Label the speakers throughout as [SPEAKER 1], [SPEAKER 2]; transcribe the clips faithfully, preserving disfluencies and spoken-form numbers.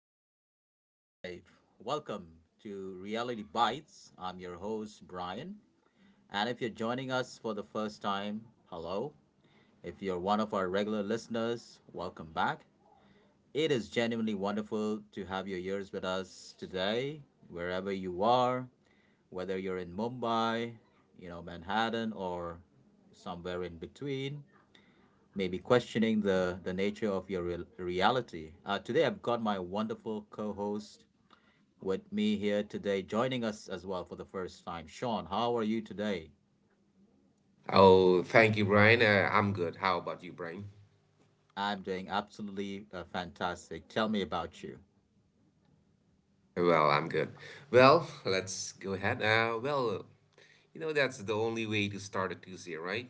[SPEAKER 1] we are live. Welcome to Reality Bites. I'm your host, Brian. And if you're joining us for the first time, hello. If you're one of our regular listeners, welcome back. It is genuinely wonderful to have your ears with us today, wherever you are, whether you're in Mumbai, you know, Manhattan, or somewhere in between, maybe questioning the, the nature of your real reality. Uh, today, I've got my wonderful co host with me here today, joining us as well for the first time. Sean, how are you today?
[SPEAKER 2] Oh, thank you, Brian. Uh, I'm good. How about you, Brian?
[SPEAKER 1] I'm doing absolutely uh, fantastic. Tell me about you.
[SPEAKER 2] Well, I'm good. Well, let's go ahead. Uh, well, you know, that's the only way to start a Tuesday, right?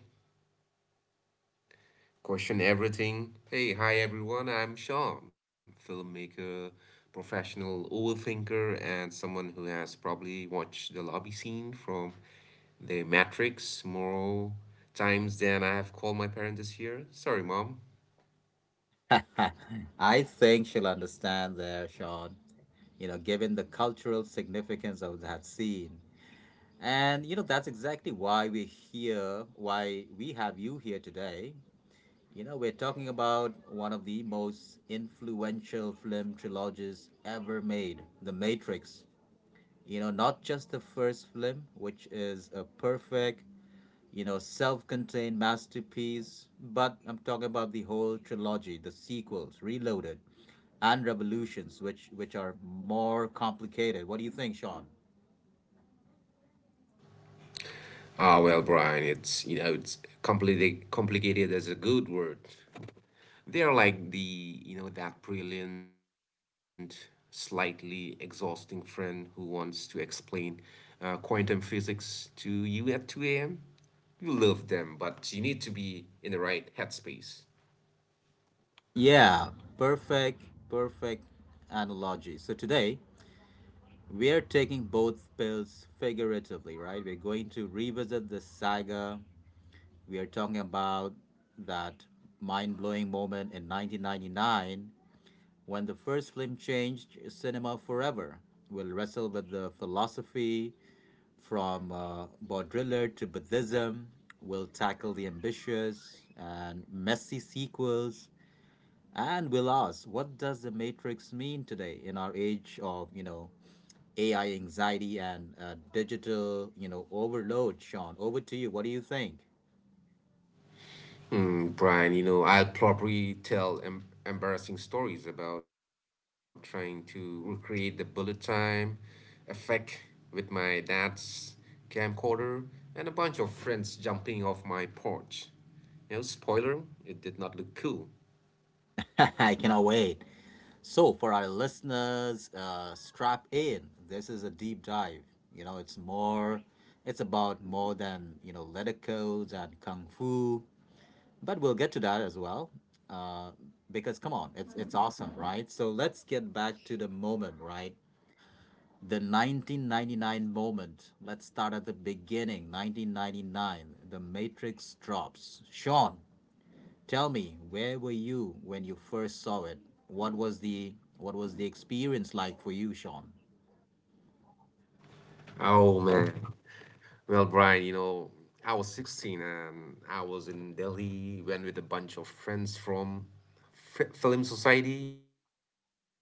[SPEAKER 2] Question everything. Hey, hi, everyone. I'm Sean, filmmaker, professional overthinker, and someone who has probably watched the lobby scene from The Matrix more times than I have called my parents this year. Sorry, Mom.
[SPEAKER 1] I think she'll understand there, Sean, you know, given the cultural significance of that scene. And, you know, that's exactly why we're here, why we have you here today. You know, we're talking about one of the most influential film trilogies ever made, The Matrix. You know, not just the first film, which is a perfect, you know, self contained masterpiece, but I'm talking about the whole trilogy, the sequels, Reloaded and Revolutions, which, which are more complicated. What do you think, Sean?
[SPEAKER 2] Ah, well, Brian, it's you know it's completely complicated as a good word. They're like the you know that brilliant, slightly exhausting friend who wants to explain uh, quantum physics to you at two a m. You love them, but you need to be in the right headspace.
[SPEAKER 1] Yeah, perfect, perfect analogy. So today, we are taking both pills figuratively, right? We're going to revisit the saga. We are talking about that mind blowing moment in nineteen ninety-nine when the first film changed cinema forever. We'll wrestle with the philosophy from uh, Baudrillard to Buddhism. We'll tackle the ambitious and messy sequels, and we'll ask, what does the Matrix mean today in our age of you know A I anxiety and uh, digital you know overload? Sean, over to you. What do you think?
[SPEAKER 2] Mm, Brian, you know, I'll probably tell em- embarrassing stories about trying to recreate the bullet time effect with my dad's camcorder and a bunch of friends jumping off my porch. You know, spoiler, it did not look cool.
[SPEAKER 1] I cannot wait. So, for our listeners, uh, strap in. This is a deep dive. You know, it's more, it's about more than, you know, letter codes and kung fu, but we'll get to that as well. Uh, because come on, it's it's awesome, right? So let's get back to the moment, right? The nineteen ninety-nine moment. Let's start at the beginning. nineteen ninety-nine, The Matrix drops. Sean, tell me, where were you when you first saw it? What was the what was the experience like for you, Sean?
[SPEAKER 2] Oh man. Well, Brian, you know, I was sixteen and I was in Delhi, went with a bunch of friends from F- Film Society.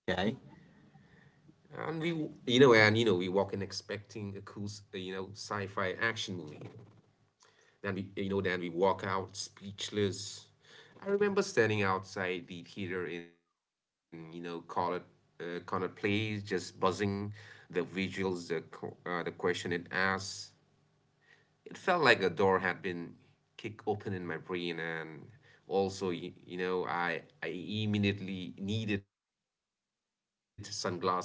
[SPEAKER 1] Okay.
[SPEAKER 2] And we, you know, and you know, we walk in expecting a cool, s- uh, you know, sci-fi action movie. Then we, uh, you know, then we walk out speechless. I remember standing outside the theater in, you know, Connaught, uh, Connaught Place, just buzzing, the visuals, the co- uh, the question it asks. It felt like a door had been kicked open in my brain, and also, you, you know, I I immediately needed sunglasses and a long black coat.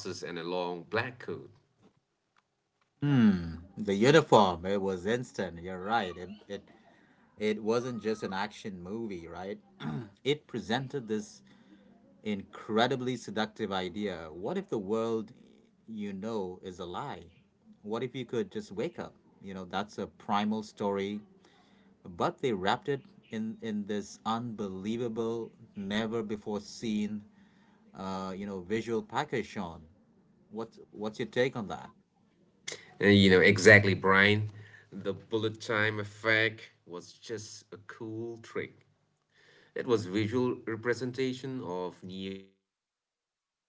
[SPEAKER 1] The uniform, it was instant. You're right. It it it wasn't just an action movie, right? It presented this incredibly seductive idea. What if the world you know is a lie? What if you could just wake up? You know, that's a primal story, but they wrapped it in in this unbelievable, never before seen uh, you know, visual package shown. What's what's your take on that?
[SPEAKER 2] Uh, you know, exactly, Brian. The bullet time effect was just a cool trick. It was visual representation of Neo seeing the code,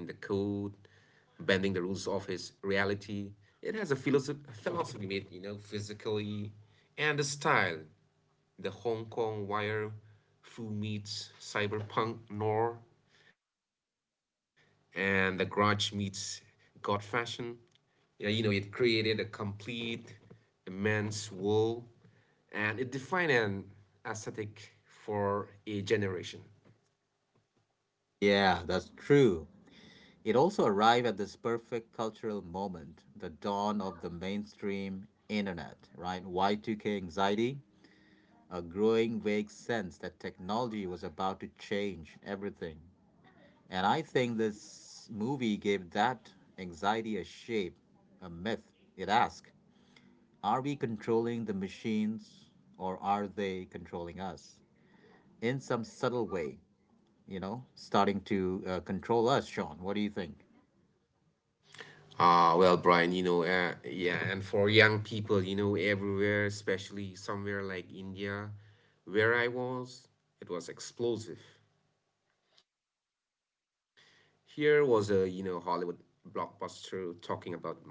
[SPEAKER 2] bending the rules of his reality. It has a philosoph- philosophy made, you know, physically and the style. The Hong Kong wire foo meets cyberpunk noir and the grudge meets god fashion, yeah, you know, it created a complete, immense wall, and it defined an aesthetic for a generation.
[SPEAKER 1] Yeah, that's true. It also arrived at this perfect cultural moment, the dawn of the mainstream internet, right? Y two K anxiety, a growing vague sense that technology was about to change everything. And I think this movie gave that anxiety a shape, a myth. It asks, are we controlling the machines or are they controlling us? In some subtle way, you know, starting to uh, control us, Sean. What do you think?
[SPEAKER 2] Ah, well, Brian, you know, uh, yeah, and for young people, you know, everywhere, especially somewhere like India, where I was, it was explosive. Here was a, you know, Hollywood blockbuster talking about Maya,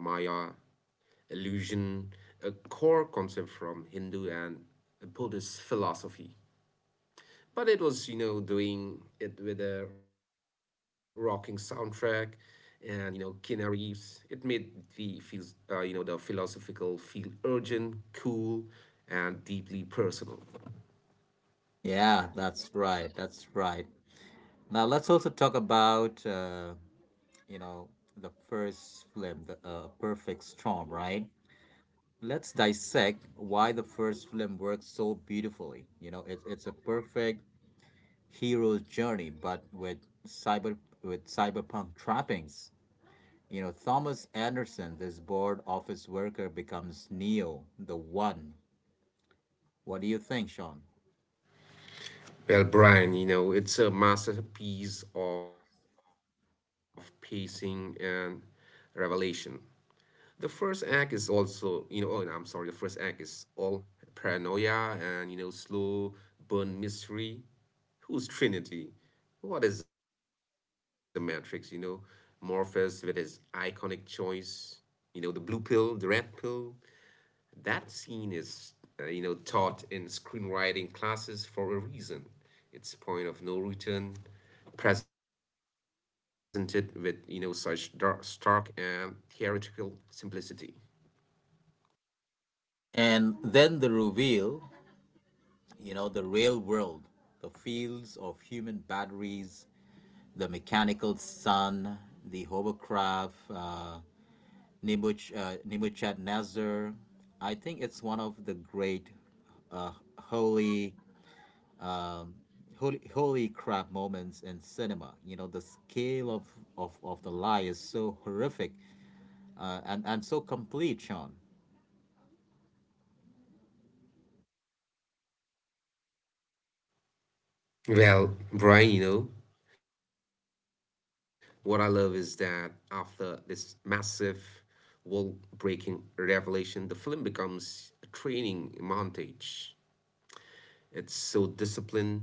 [SPEAKER 2] illusion, a core concept from Hindu and Buddhist philosophy. But it was, you know, doing it with a rocking soundtrack and, you know, Keanu Reeves. It made the feels uh, you know, the philosophical feel urgent, cool, and deeply personal.
[SPEAKER 1] Yeah, that's right. That's right. Now let's also talk about uh, you know the first film, the uh, Perfect Storm, right? Let's dissect why the first film works so beautifully. You know, it's it's a perfect hero's journey, but with cyber with cyberpunk trappings. You know, Thomas Anderson, this bored office worker, becomes Neo, the One. What do you think, Sean?
[SPEAKER 2] Well, Brian, you know, it's a masterpiece of pacing and revelation. The first act is also, you know, oh, and I'm sorry, the first act is all paranoia and, you know, slow burn mystery. Who's Trinity? What is the Matrix, you know? Morpheus with his iconic choice, you know, the blue pill, the red pill, that scene is, uh, you know, taught in screenwriting classes for a reason. It's point of no return, presented with, you know, such dark, stark and theoretical simplicity.
[SPEAKER 1] And then the reveal, you know, the real world, the fields of human batteries, the mechanical sun, the hovercraft, uh, Nibuch, uh, Nebuchadnezzar. I think it's one of the great uh, holy, holy, holy crap moments in cinema. You know, the scale of, of, of the lie is so horrific uh, and, and so complete, Sean.
[SPEAKER 2] Well, Brian, you know, what I love is that after this massive wall breaking revelation, the film becomes a training montage. It's so disciplined,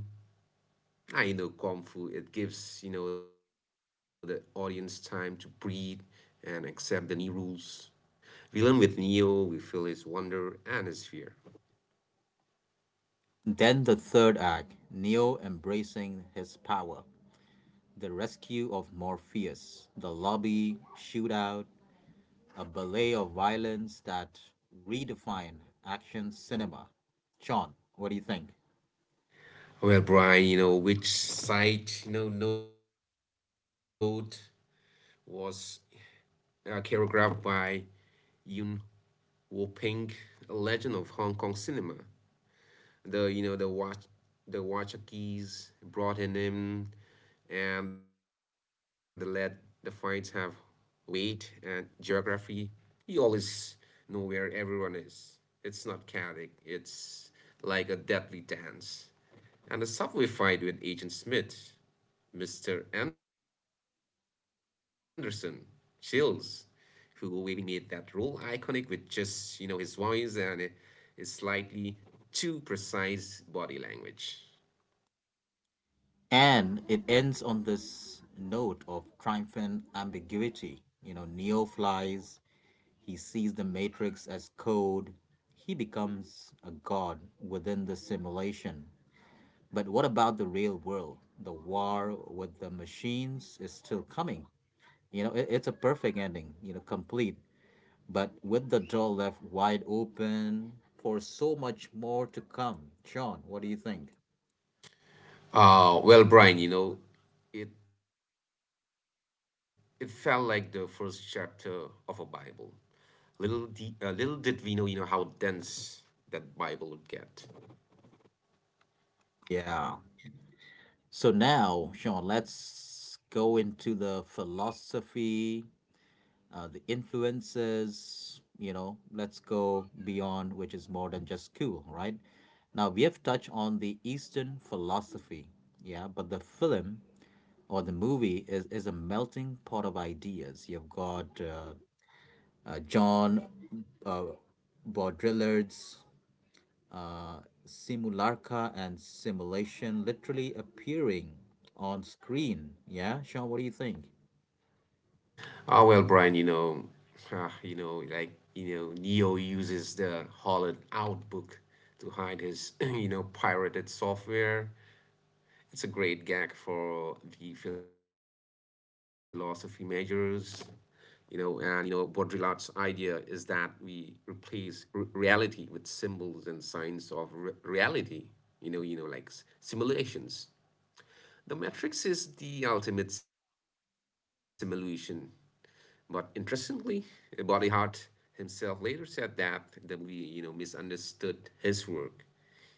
[SPEAKER 2] I know kung fu. It gives, you know, the audience time to breathe and accept the new rules. We learn with Neo. We feel his wonder and his fear.
[SPEAKER 1] Then the third act, Neo embracing his power. The Rescue of Morpheus, The Lobby, Shootout, a ballet of violence that redefine action cinema. Sean, what do you think?
[SPEAKER 2] Well, Brian, you know, which side, you know, note was uh, choreographed by Yuen Woo Ping, a legend of Hong Kong cinema. The you know the watch the watcher keys brought him in and let the fights have weight and geography. You always know where everyone is. It's not chaotic. It's like a deadly dance. And the subway fight with Agent Smith. Mister Anderson, chills, who Waving made that role iconic with just, you know, his voice and uh, his slightly too precise body language.
[SPEAKER 1] And it ends on this note of triumphant ambiguity. You know, Neo flies, he sees the Matrix as code, he becomes a god within the simulation. But what about the real world? The war with the machines is still coming. You know, it, it's a perfect ending, you know, complete, but with the door left wide open for so much more to come. Sean, what do you think?
[SPEAKER 2] Uh, well, Brian, you know, it, it felt like the first chapter of a Bible. Little, de- uh, little did we know, you know, how dense that Bible would get.
[SPEAKER 1] Yeah. So now, Sean, let's go into the philosophy, uh, the influences, you know, let's go beyond, which is more than just school, right? Now, we have touched on the Eastern philosophy, yeah, but the film or the movie is, is a melting pot of ideas. You've got uh, uh, John uh, Baudrillard's Simulacra and Simulation literally appearing on screen. Yeah, Sean, what do you think?
[SPEAKER 2] Oh well, Brian, you know, ah, you know, like you know, Neo uses the Holland Outbook to hide his, you know, pirated software. It's a great gag for the philosophy majors, you know, and you know, Baudrillard's idea is that we replace r- reality with symbols and signs of re- reality. You know, you know, like s- simulations. The Matrix is the ultimate simulation, but interestingly, Body Hart himself later said that the movie, you know, misunderstood his work.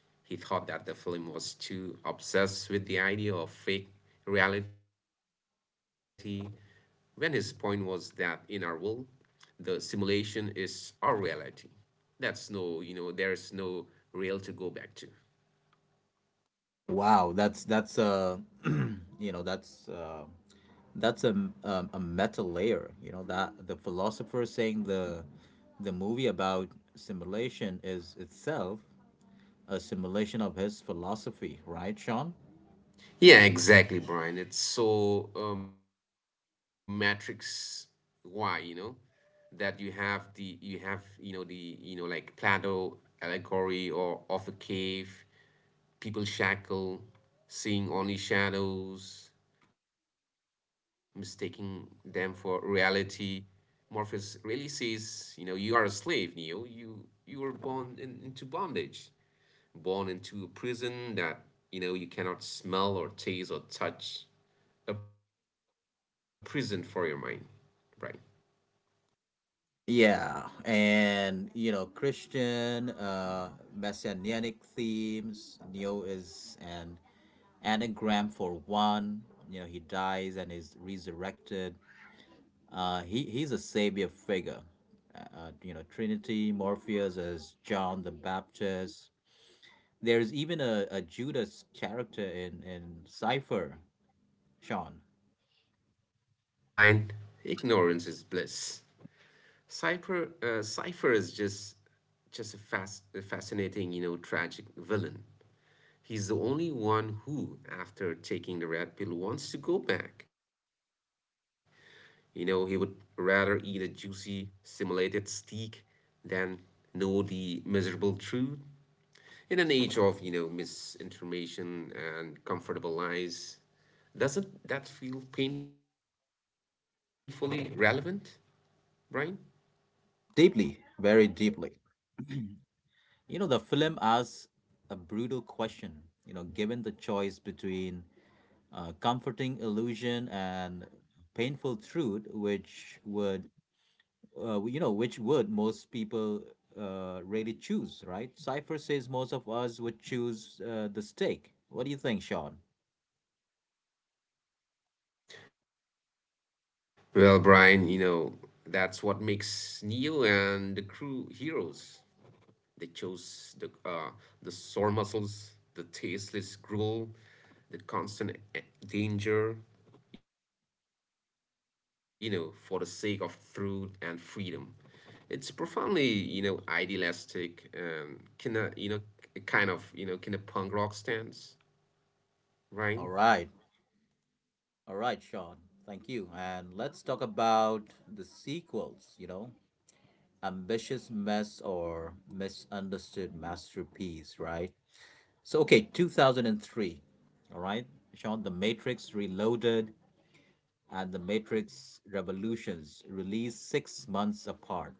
[SPEAKER 2] He thought that the film was too obsessed with the idea of fake reality, when his point was that in our world, the simulation is our reality. That's no, you know, there is no real to go back to.
[SPEAKER 1] Wow, that's that's uh, you know that's uh, that's a um, a meta layer. You know that the philosopher saying the the movie about simulation is itself a simulation of his philosophy, right, Sean?
[SPEAKER 2] Yeah, exactly, Brian. It's so, uh, Matrix why, you know? That you have the you have you know the you know like Plato allegory or of the cave, people shackle, seeing only shadows, mistaking them for reality. Morpheus really says, you know, you are a slave, Neo. You you were born in, into bondage, born into a prison that, you know, you cannot smell or taste or touch, a prison for your mind, right?
[SPEAKER 1] Yeah, and you know, Christian, uh, messianic themes. Neo is an anagram for one. You know, he dies and is resurrected. Uh, he he's a savior figure. Uh, uh, you know, Trinity, Morpheus as John the Baptist. There's even a, a Judas character in in Cipher, Sean.
[SPEAKER 2] Well, Brian, ignorance is bliss. Cypher, uh, Cypher is just just a, fas- a fascinating, you know, tragic villain. He's the only one who, after taking the red pill, wants to go back. You know, he would rather eat a juicy, simulated steak than know the miserable truth. In an age of, you know, misinformation and comfortable lies, doesn't that feel painfully relevant, Brian?
[SPEAKER 1] Deeply, very deeply. You know, the film asks a brutal question. You know, given the choice between uh, comforting illusion and painful truth, which would, uh, you know, which would most people uh, really choose, right? Cypher says most of us would choose uh, the steak. What do you think, Sean?
[SPEAKER 2] Well, Brian, you know, that's what makes Neo and the crew heroes. They chose the uh, the sore muscles, the tasteless gruel, the constant e- danger, you know, for the sake of truth and freedom. It's profoundly, you know, idealistic and kinda, you know, k- kind of, you know, kinda punk rock stance,
[SPEAKER 1] All right.
[SPEAKER 2] right?
[SPEAKER 1] All right, Sean. Thank you. And let's talk about the sequels, you know, Ambitious Mess or Misunderstood Masterpiece, right? So, okay, two thousand three, all right, Sean, The Matrix Reloaded and The Matrix Revolutions released six months apart.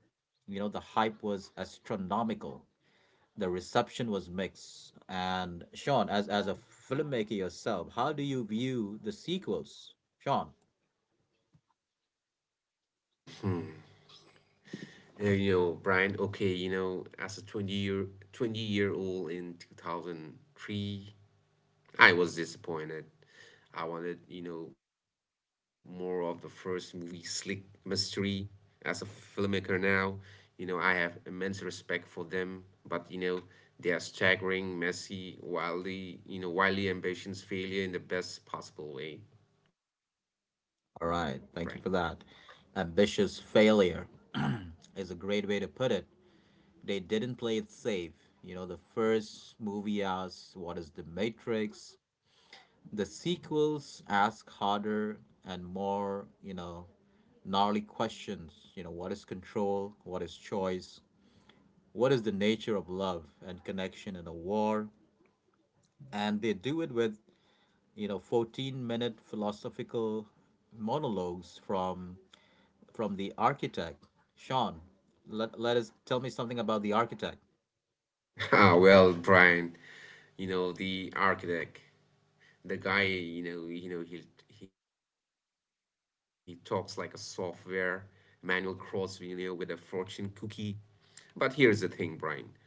[SPEAKER 1] You know, the hype was astronomical, the reception was mixed. And, Sean, as, as a filmmaker yourself, how do you view the sequels? Sean,
[SPEAKER 2] Ah, Brian. Hmm. Uh, you know, Brian, okay, you know, as a twenty year twenty year old in two thousand three, I was disappointed. I wanted, you know, more of the first movie slick mystery. As a filmmaker now, you know, I have immense respect for them, but, you know, they are staggering, messy, wildly, you know, wildly ambitious failure in the best possible way, Brian.
[SPEAKER 1] all right, thank you for that. Ambitious failure is a great way to put it. They didn't play it safe. You know, the first movie asks, what is the Matrix? The sequels ask harder and more, you know, gnarly questions. You know, what is control? What is choice? What is the nature of love and connection in a war? And they do it with, you know, fourteen minute philosophical monologues from from the architect, Sean. Let, let us tell me something about the architect.
[SPEAKER 2] Ah, well, Brian, you know, the architect. the guy you know you know he he talks like a software manual cross, you know, with a fortune cookie. But here's the thing, Brian,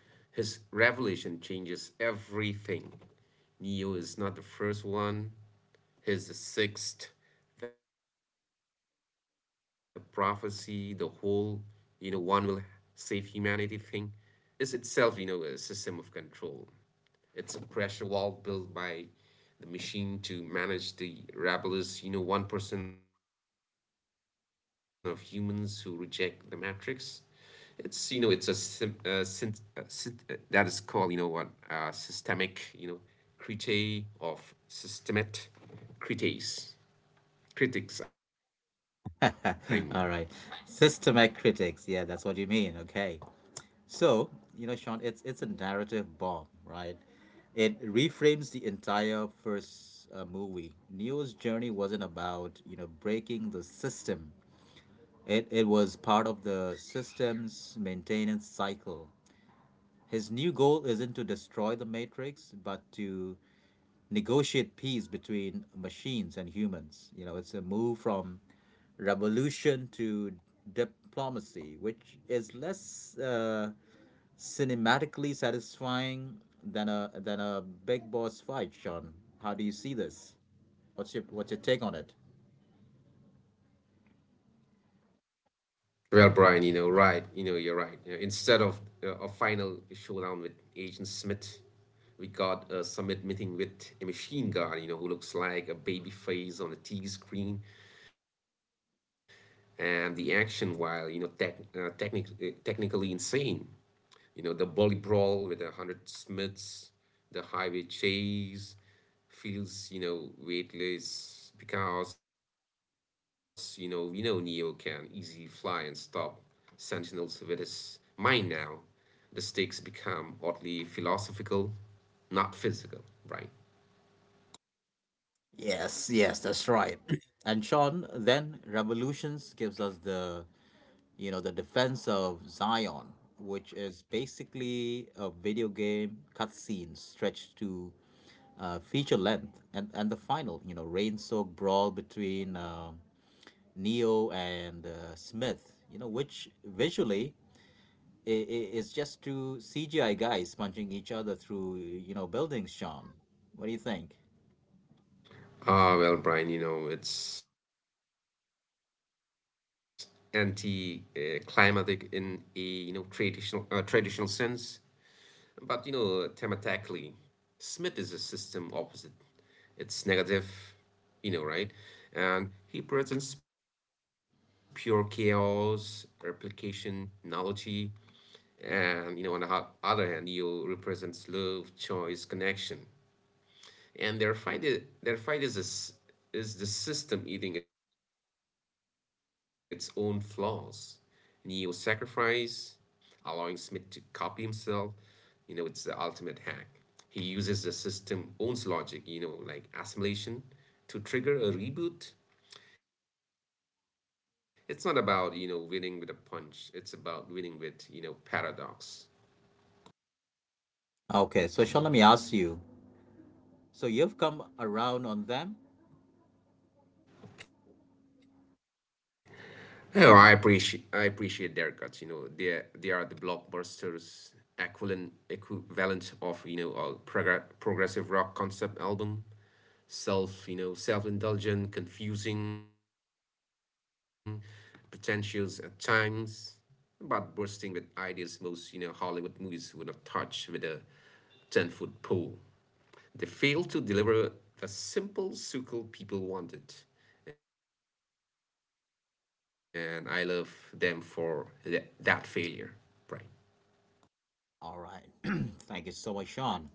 [SPEAKER 2] his revelation changes everything. Neo is not the first one, he's the sixth. The prophecy, the whole, you know, one will save humanity thing is itself, you know, a system of control. It's a pressure valve built by the machine to manage the rabulous, you know, one percent of humans who reject the matrix. It's, you know, it's a, sim, uh, syn, uh, syn, uh, that is called, you know, what, uh, systemic, you know, critique of systemat critics, critics, I mean.
[SPEAKER 1] All right. Systemic critics. Yeah, that's what you mean. Okay. So, you know, Sean, it's it's a narrative bomb, right? It reframes the entire first uh, movie. Neo's journey wasn't about, you know, breaking the system. It it was part of the system's maintenance cycle. His new goal isn't to destroy the matrix, but to negotiate peace between machines and humans. You know, it's a move from revolution to diplomacy, which is less uh, cinematically satisfying than a than a big boss fight, Sean. How do you see this? What's your what's your take on it?
[SPEAKER 2] Well, Brian, you know, right, you know, you're right. Yeah, instead of uh, a final showdown with Agent Smith, we got a summit meeting with a machine gun, you know, who looks like a baby face on a T V screen, and the action, while, you know, tech, uh, technic, uh, technically insane. You know, the bully brawl with a hundred smiths, the highway chase feels, you know, weightless because, you know, we know Neo can easily fly and stop sentinels with his mind now. The stakes become oddly philosophical, not physical, right?
[SPEAKER 1] Yes, yes, that's right. And Sean, then Revolutions gives us the you know the defense of Zion, which is basically a video game cutscene stretched to uh, feature length, and and the final you know rain soaked brawl between uh, Neo and uh, Smith, you know which visually i i- it's just two C G I guys punching each other through, you know, buildings, Sean. What do you think?
[SPEAKER 2] Ah, well, Brian, you know, it's anti-climatic in a, you know, traditional uh, traditional sense, but, you know, thematically, Smith is a system opposite. It's negative, you know, right? And he presents pure chaos, replication, nullity, and, you know, on the ho- other hand, Neo represents love, choice, connection, and their fight is, their fight is a s is the system eating its own flaws. Neo sacrifice, allowing Smith to copy himself, you know, it's the ultimate hack. He uses the system owns logic, you know, like assimilation, to trigger a reboot. It's not about, you know, winning with a punch, it's about winning with, you know, paradox.
[SPEAKER 1] Okay, so Sean, let me ask you. So you've come around on them?
[SPEAKER 2] Hey, Oh, I appreciate I appreciate their guts. You know, they they are the blockbusters equivalent equivalent of, you know, a prog- progressive rock concept album, self you know self indulgent, confusing, pretentious at times, but bursting with ideas most, you know, Hollywood movies would not touch with a ten foot pole. They failed to deliver the simple sequel people wanted, and I love them for tha- that failure, Brian.
[SPEAKER 1] All right. Thank you so much, Sean.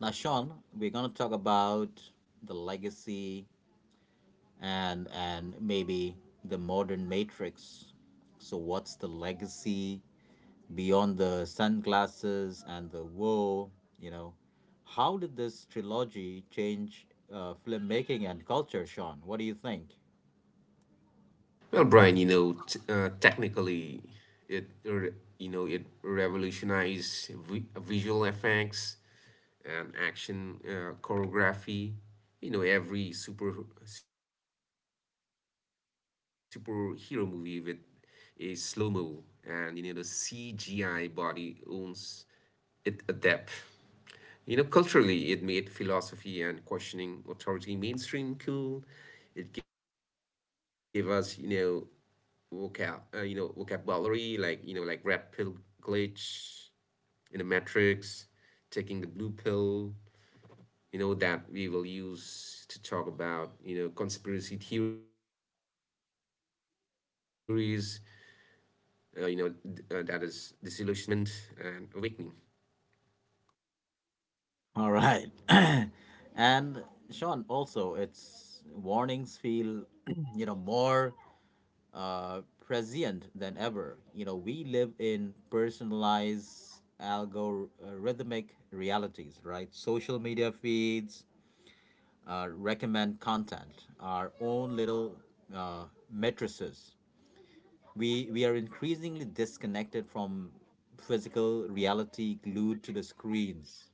[SPEAKER 1] Now, Sean, we're going to talk about the legacy and and maybe the modern matrix. So what's the legacy beyond the sunglasses and the woe, you know. How did this trilogy change uh, filmmaking and culture, Sean? What do you think?
[SPEAKER 2] Well, Brian, you know, t- uh, technically, it re- you know it revolutionized vi- visual effects and action, uh, choreography. You know, every super superhero movie with a slow mo and, you know, the C G I body owns it adapt. You know, culturally, it made philosophy and questioning authority mainstream cool. It gave us, you know, vocab, uh, you know, vocabulary like, you know, like red pill, glitch in the matrix, taking the blue pill. You know that we will use to talk about, you know, conspiracy theories. Uh, you know, d- uh, that is disillusionment and awakening.
[SPEAKER 1] All right. And Sean, also, its warnings feel, you know, more uh, prescient than ever. You know, we live in personalized algorithmic realities, right? Social media feeds, uh, recommend content, our own little uh, matrices. We, we are increasingly disconnected from physical reality glued to the screens.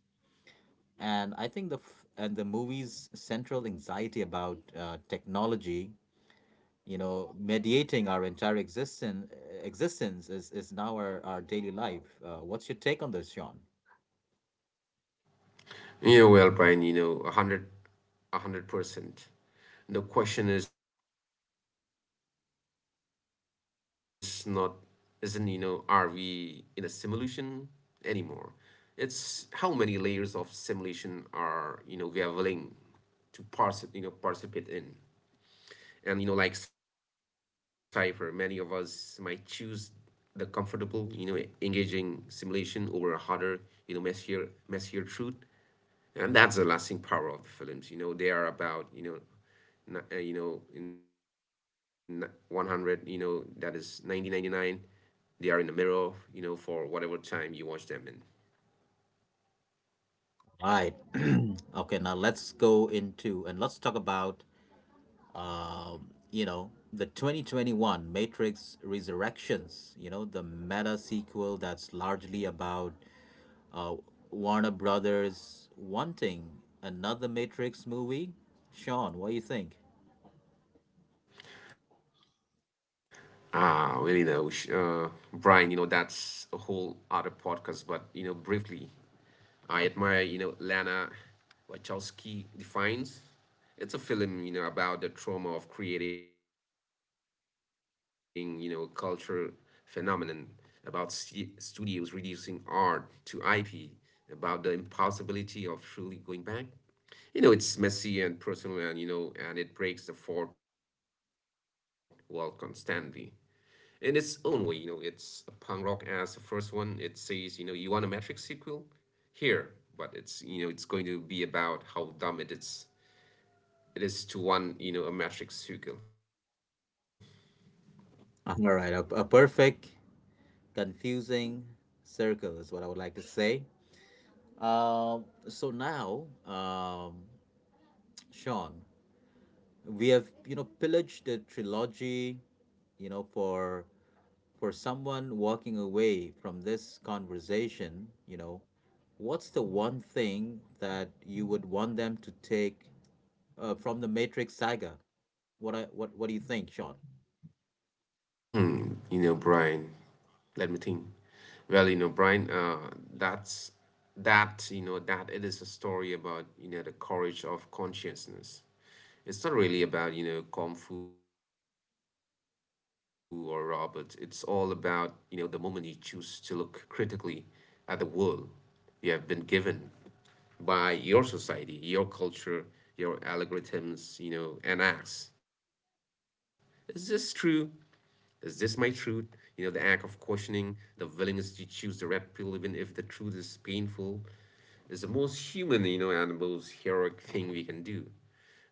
[SPEAKER 1] And I think the f- and the movie's central anxiety about uh, technology, you know, mediating our entire existence existence is, is now our, our daily life. Uh, what's your take on this, Sean?
[SPEAKER 2] Yeah, well, Brian, you know, a hundred, one hundred percent. The question is not, isn't, you know, are we in a simulation anymore? It's how many layers of simulation are you know we are willing to parse, you know participate in, and, you know, like Cypher, many of us might choose the comfortable, you know, engaging simulation over a harder, you know, messier, messier truth, and that's the lasting power of the films. You know they are about, you know n- uh, you know in one hundred, you know that is nineteen ninety-nine. They are in the mirror you know for whatever time you watch them in.
[SPEAKER 1] Right. Okay, now let's go into and let's talk about you know the twenty twenty-one matrix resurrections, you know, the meta sequel that's largely about uh, warner brothers wanting another matrix movie. Sean, what do you think?
[SPEAKER 2] Ah, really, no, sh- uh, Brian, you know, that's a whole other podcast, but, you know, briefly, I admire, you know, Lana Wachowski defines. It's a film, you know, about the trauma of creating, you know, culture phenomenon, about stu- studios reducing art to I P, about the impossibility of truly going back. You know, it's messy and personal and, you know, and it breaks the fourth wall constantly in its own way. You know, it's a punk rock as the first one. It says, you know, you want a Matrix sequel here, but it's you know, it's going to be about how dumb it is. It is to want you know a Matrix sequel.
[SPEAKER 1] All right, a, a perfect confusing circle is what I would like to say. Um, so now um, Sean, we have you know pillaged the trilogy, you know. for for someone walking away from this conversation, you know, what's the one thing that you would want them to take uh, from the matrix saga? What I, what what do you think Sean?
[SPEAKER 2] Hmm, you know, Brian, let me think. Well, you know, Brian, uh, that's that, you know, that it is a story about, you know, the courage of consciousness. It's not really about, you know, Kung Fu or Robert. It's all about, you know, the moment you choose to look critically at the world you have been given by your society, your culture, your algorithms, you know, and acts. Is this true? Is this my truth? You know, the act of questioning, the willingness to choose the red pill, even if the truth is painful, is the most human, you know, and the most heroic thing we can do.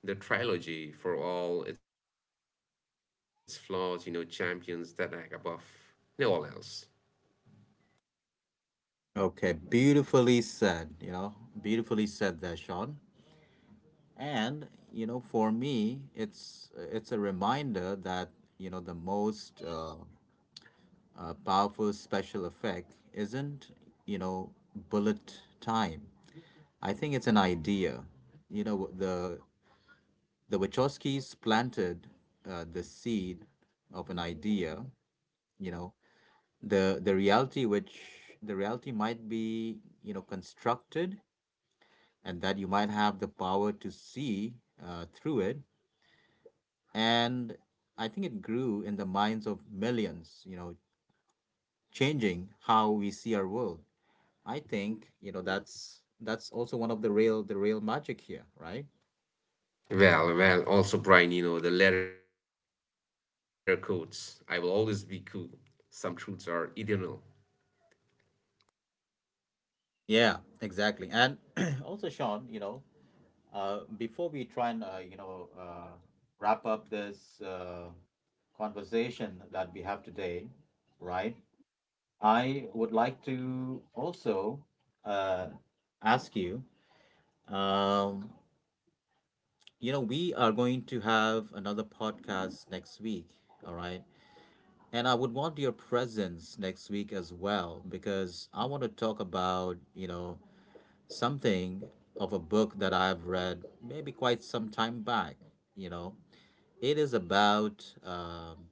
[SPEAKER 2] The trilogy, for all its flaws, you know, champions that act above, you know, all else.
[SPEAKER 1] Okay, beautifully said you know beautifully said there, Sean. And you know for me, it's it's a reminder that you know the most uh, uh, powerful special effect isn't, you know, bullet time. I think it's an idea. You know, the the Wachowskis planted uh, the seed of an idea. You know, the the reality which the reality might be, you know, constructed, and that you might have the power to see uh, through it. And I think it grew in the minds of millions. You know, changing how we see our world. I think, you know, that's that's also one of the real the real magic here, right?
[SPEAKER 2] Well, well, also, Brian, you know, the letter quotes. I will always be cool. Some truths are eternal.
[SPEAKER 1] Yeah, exactly. And also, Sean, you know, uh, before we try and uh, you know uh, wrap up this uh, conversation that we have today, right? I would like to also uh, ask you. Um, you know, we are going to have another podcast next week. All right. And I would want your presence next week as well, because I want to talk about, you know, something of a book that I've read maybe quite some time back, you know. It is about um,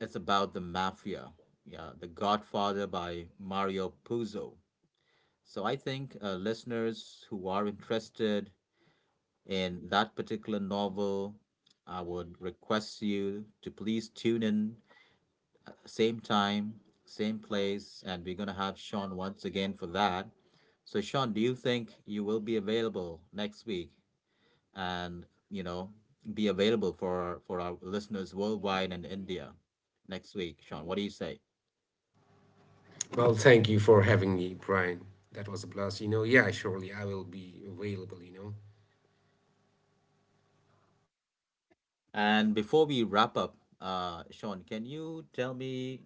[SPEAKER 1] it's about the mafia. Yeah, The Godfather by Mario Puzo. So I think uh, listeners who are interested in that particular novel, I would request you to please tune in. Same time, same place, and we're gonna have Sean once again for that. So, Sean, do you think you will be available next week and, you know, be available for for our listeners worldwide and India next week? Sean, what do you say?
[SPEAKER 2] Well, thank you for having me, Brian. That was a blast. You know, yeah, surely I will be available, you know.
[SPEAKER 1] And before we wrap up, uh, Sean, can you tell me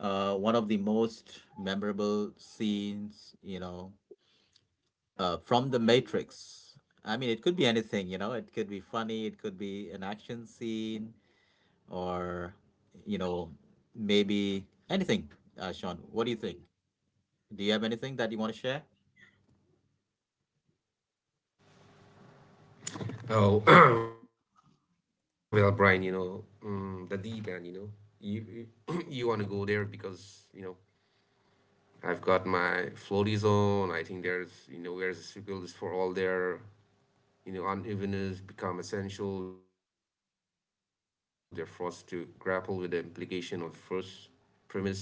[SPEAKER 1] uh, one of the most memorable scenes, you know, uh, from the Matrix. I mean, it could be anything, you know, it could be funny, it could be an action scene, or, you know, maybe anything. Uh, Sean, what do you think? Do you have anything that you want to share?
[SPEAKER 2] Oh, well, Brian, you know, mm, the deep end, you know, you you, you want to go there because, you know, I've got my floaties on. I think there's, you know, where's the sequel is for all their, you know, unevenness become essential. They're forced to grapple with the implication of first premise freedom is not just you know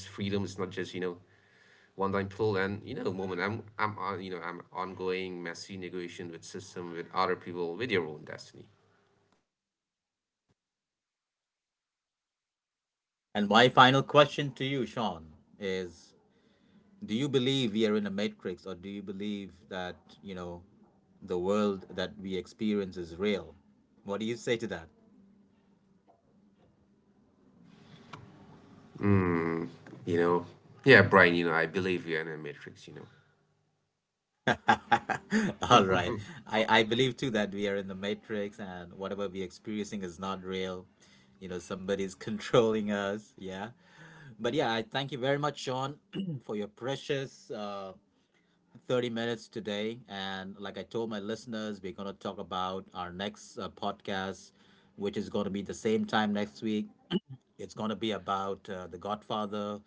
[SPEAKER 2] one time pull, and you know moment I'm I'm on you know I'm ongoing messy negotiation with system, with other people, with your own destiny.
[SPEAKER 1] And my final question to you, Sean, is do you believe we are in a matrix, or do you believe that, you know, the world that we experience is real? What do you say to that?
[SPEAKER 2] Mm, you know, yeah, Brian, you know, I believe you're in a matrix, you know.
[SPEAKER 1] All right. I, I believe too that we are in the matrix and whatever we're experiencing is not real. You know, somebody's controlling us. Yeah. But yeah, I thank you very much, Sean, for your precious uh, thirty minutes today. And like I told my listeners, we're going to talk about our next uh, podcast, which is going to be the same time next week. It's going to be about uh, The Godfather,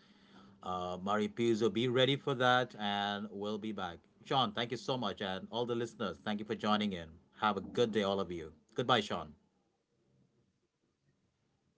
[SPEAKER 1] uh, Mari Pizzo. Be ready for that, and we'll be back. Sean, thank you so much. And all the listeners, thank you for joining in. Have a good day, all of you. Goodbye, Sean.
[SPEAKER 2] Uh, goodbye, Brian. Thank you so much.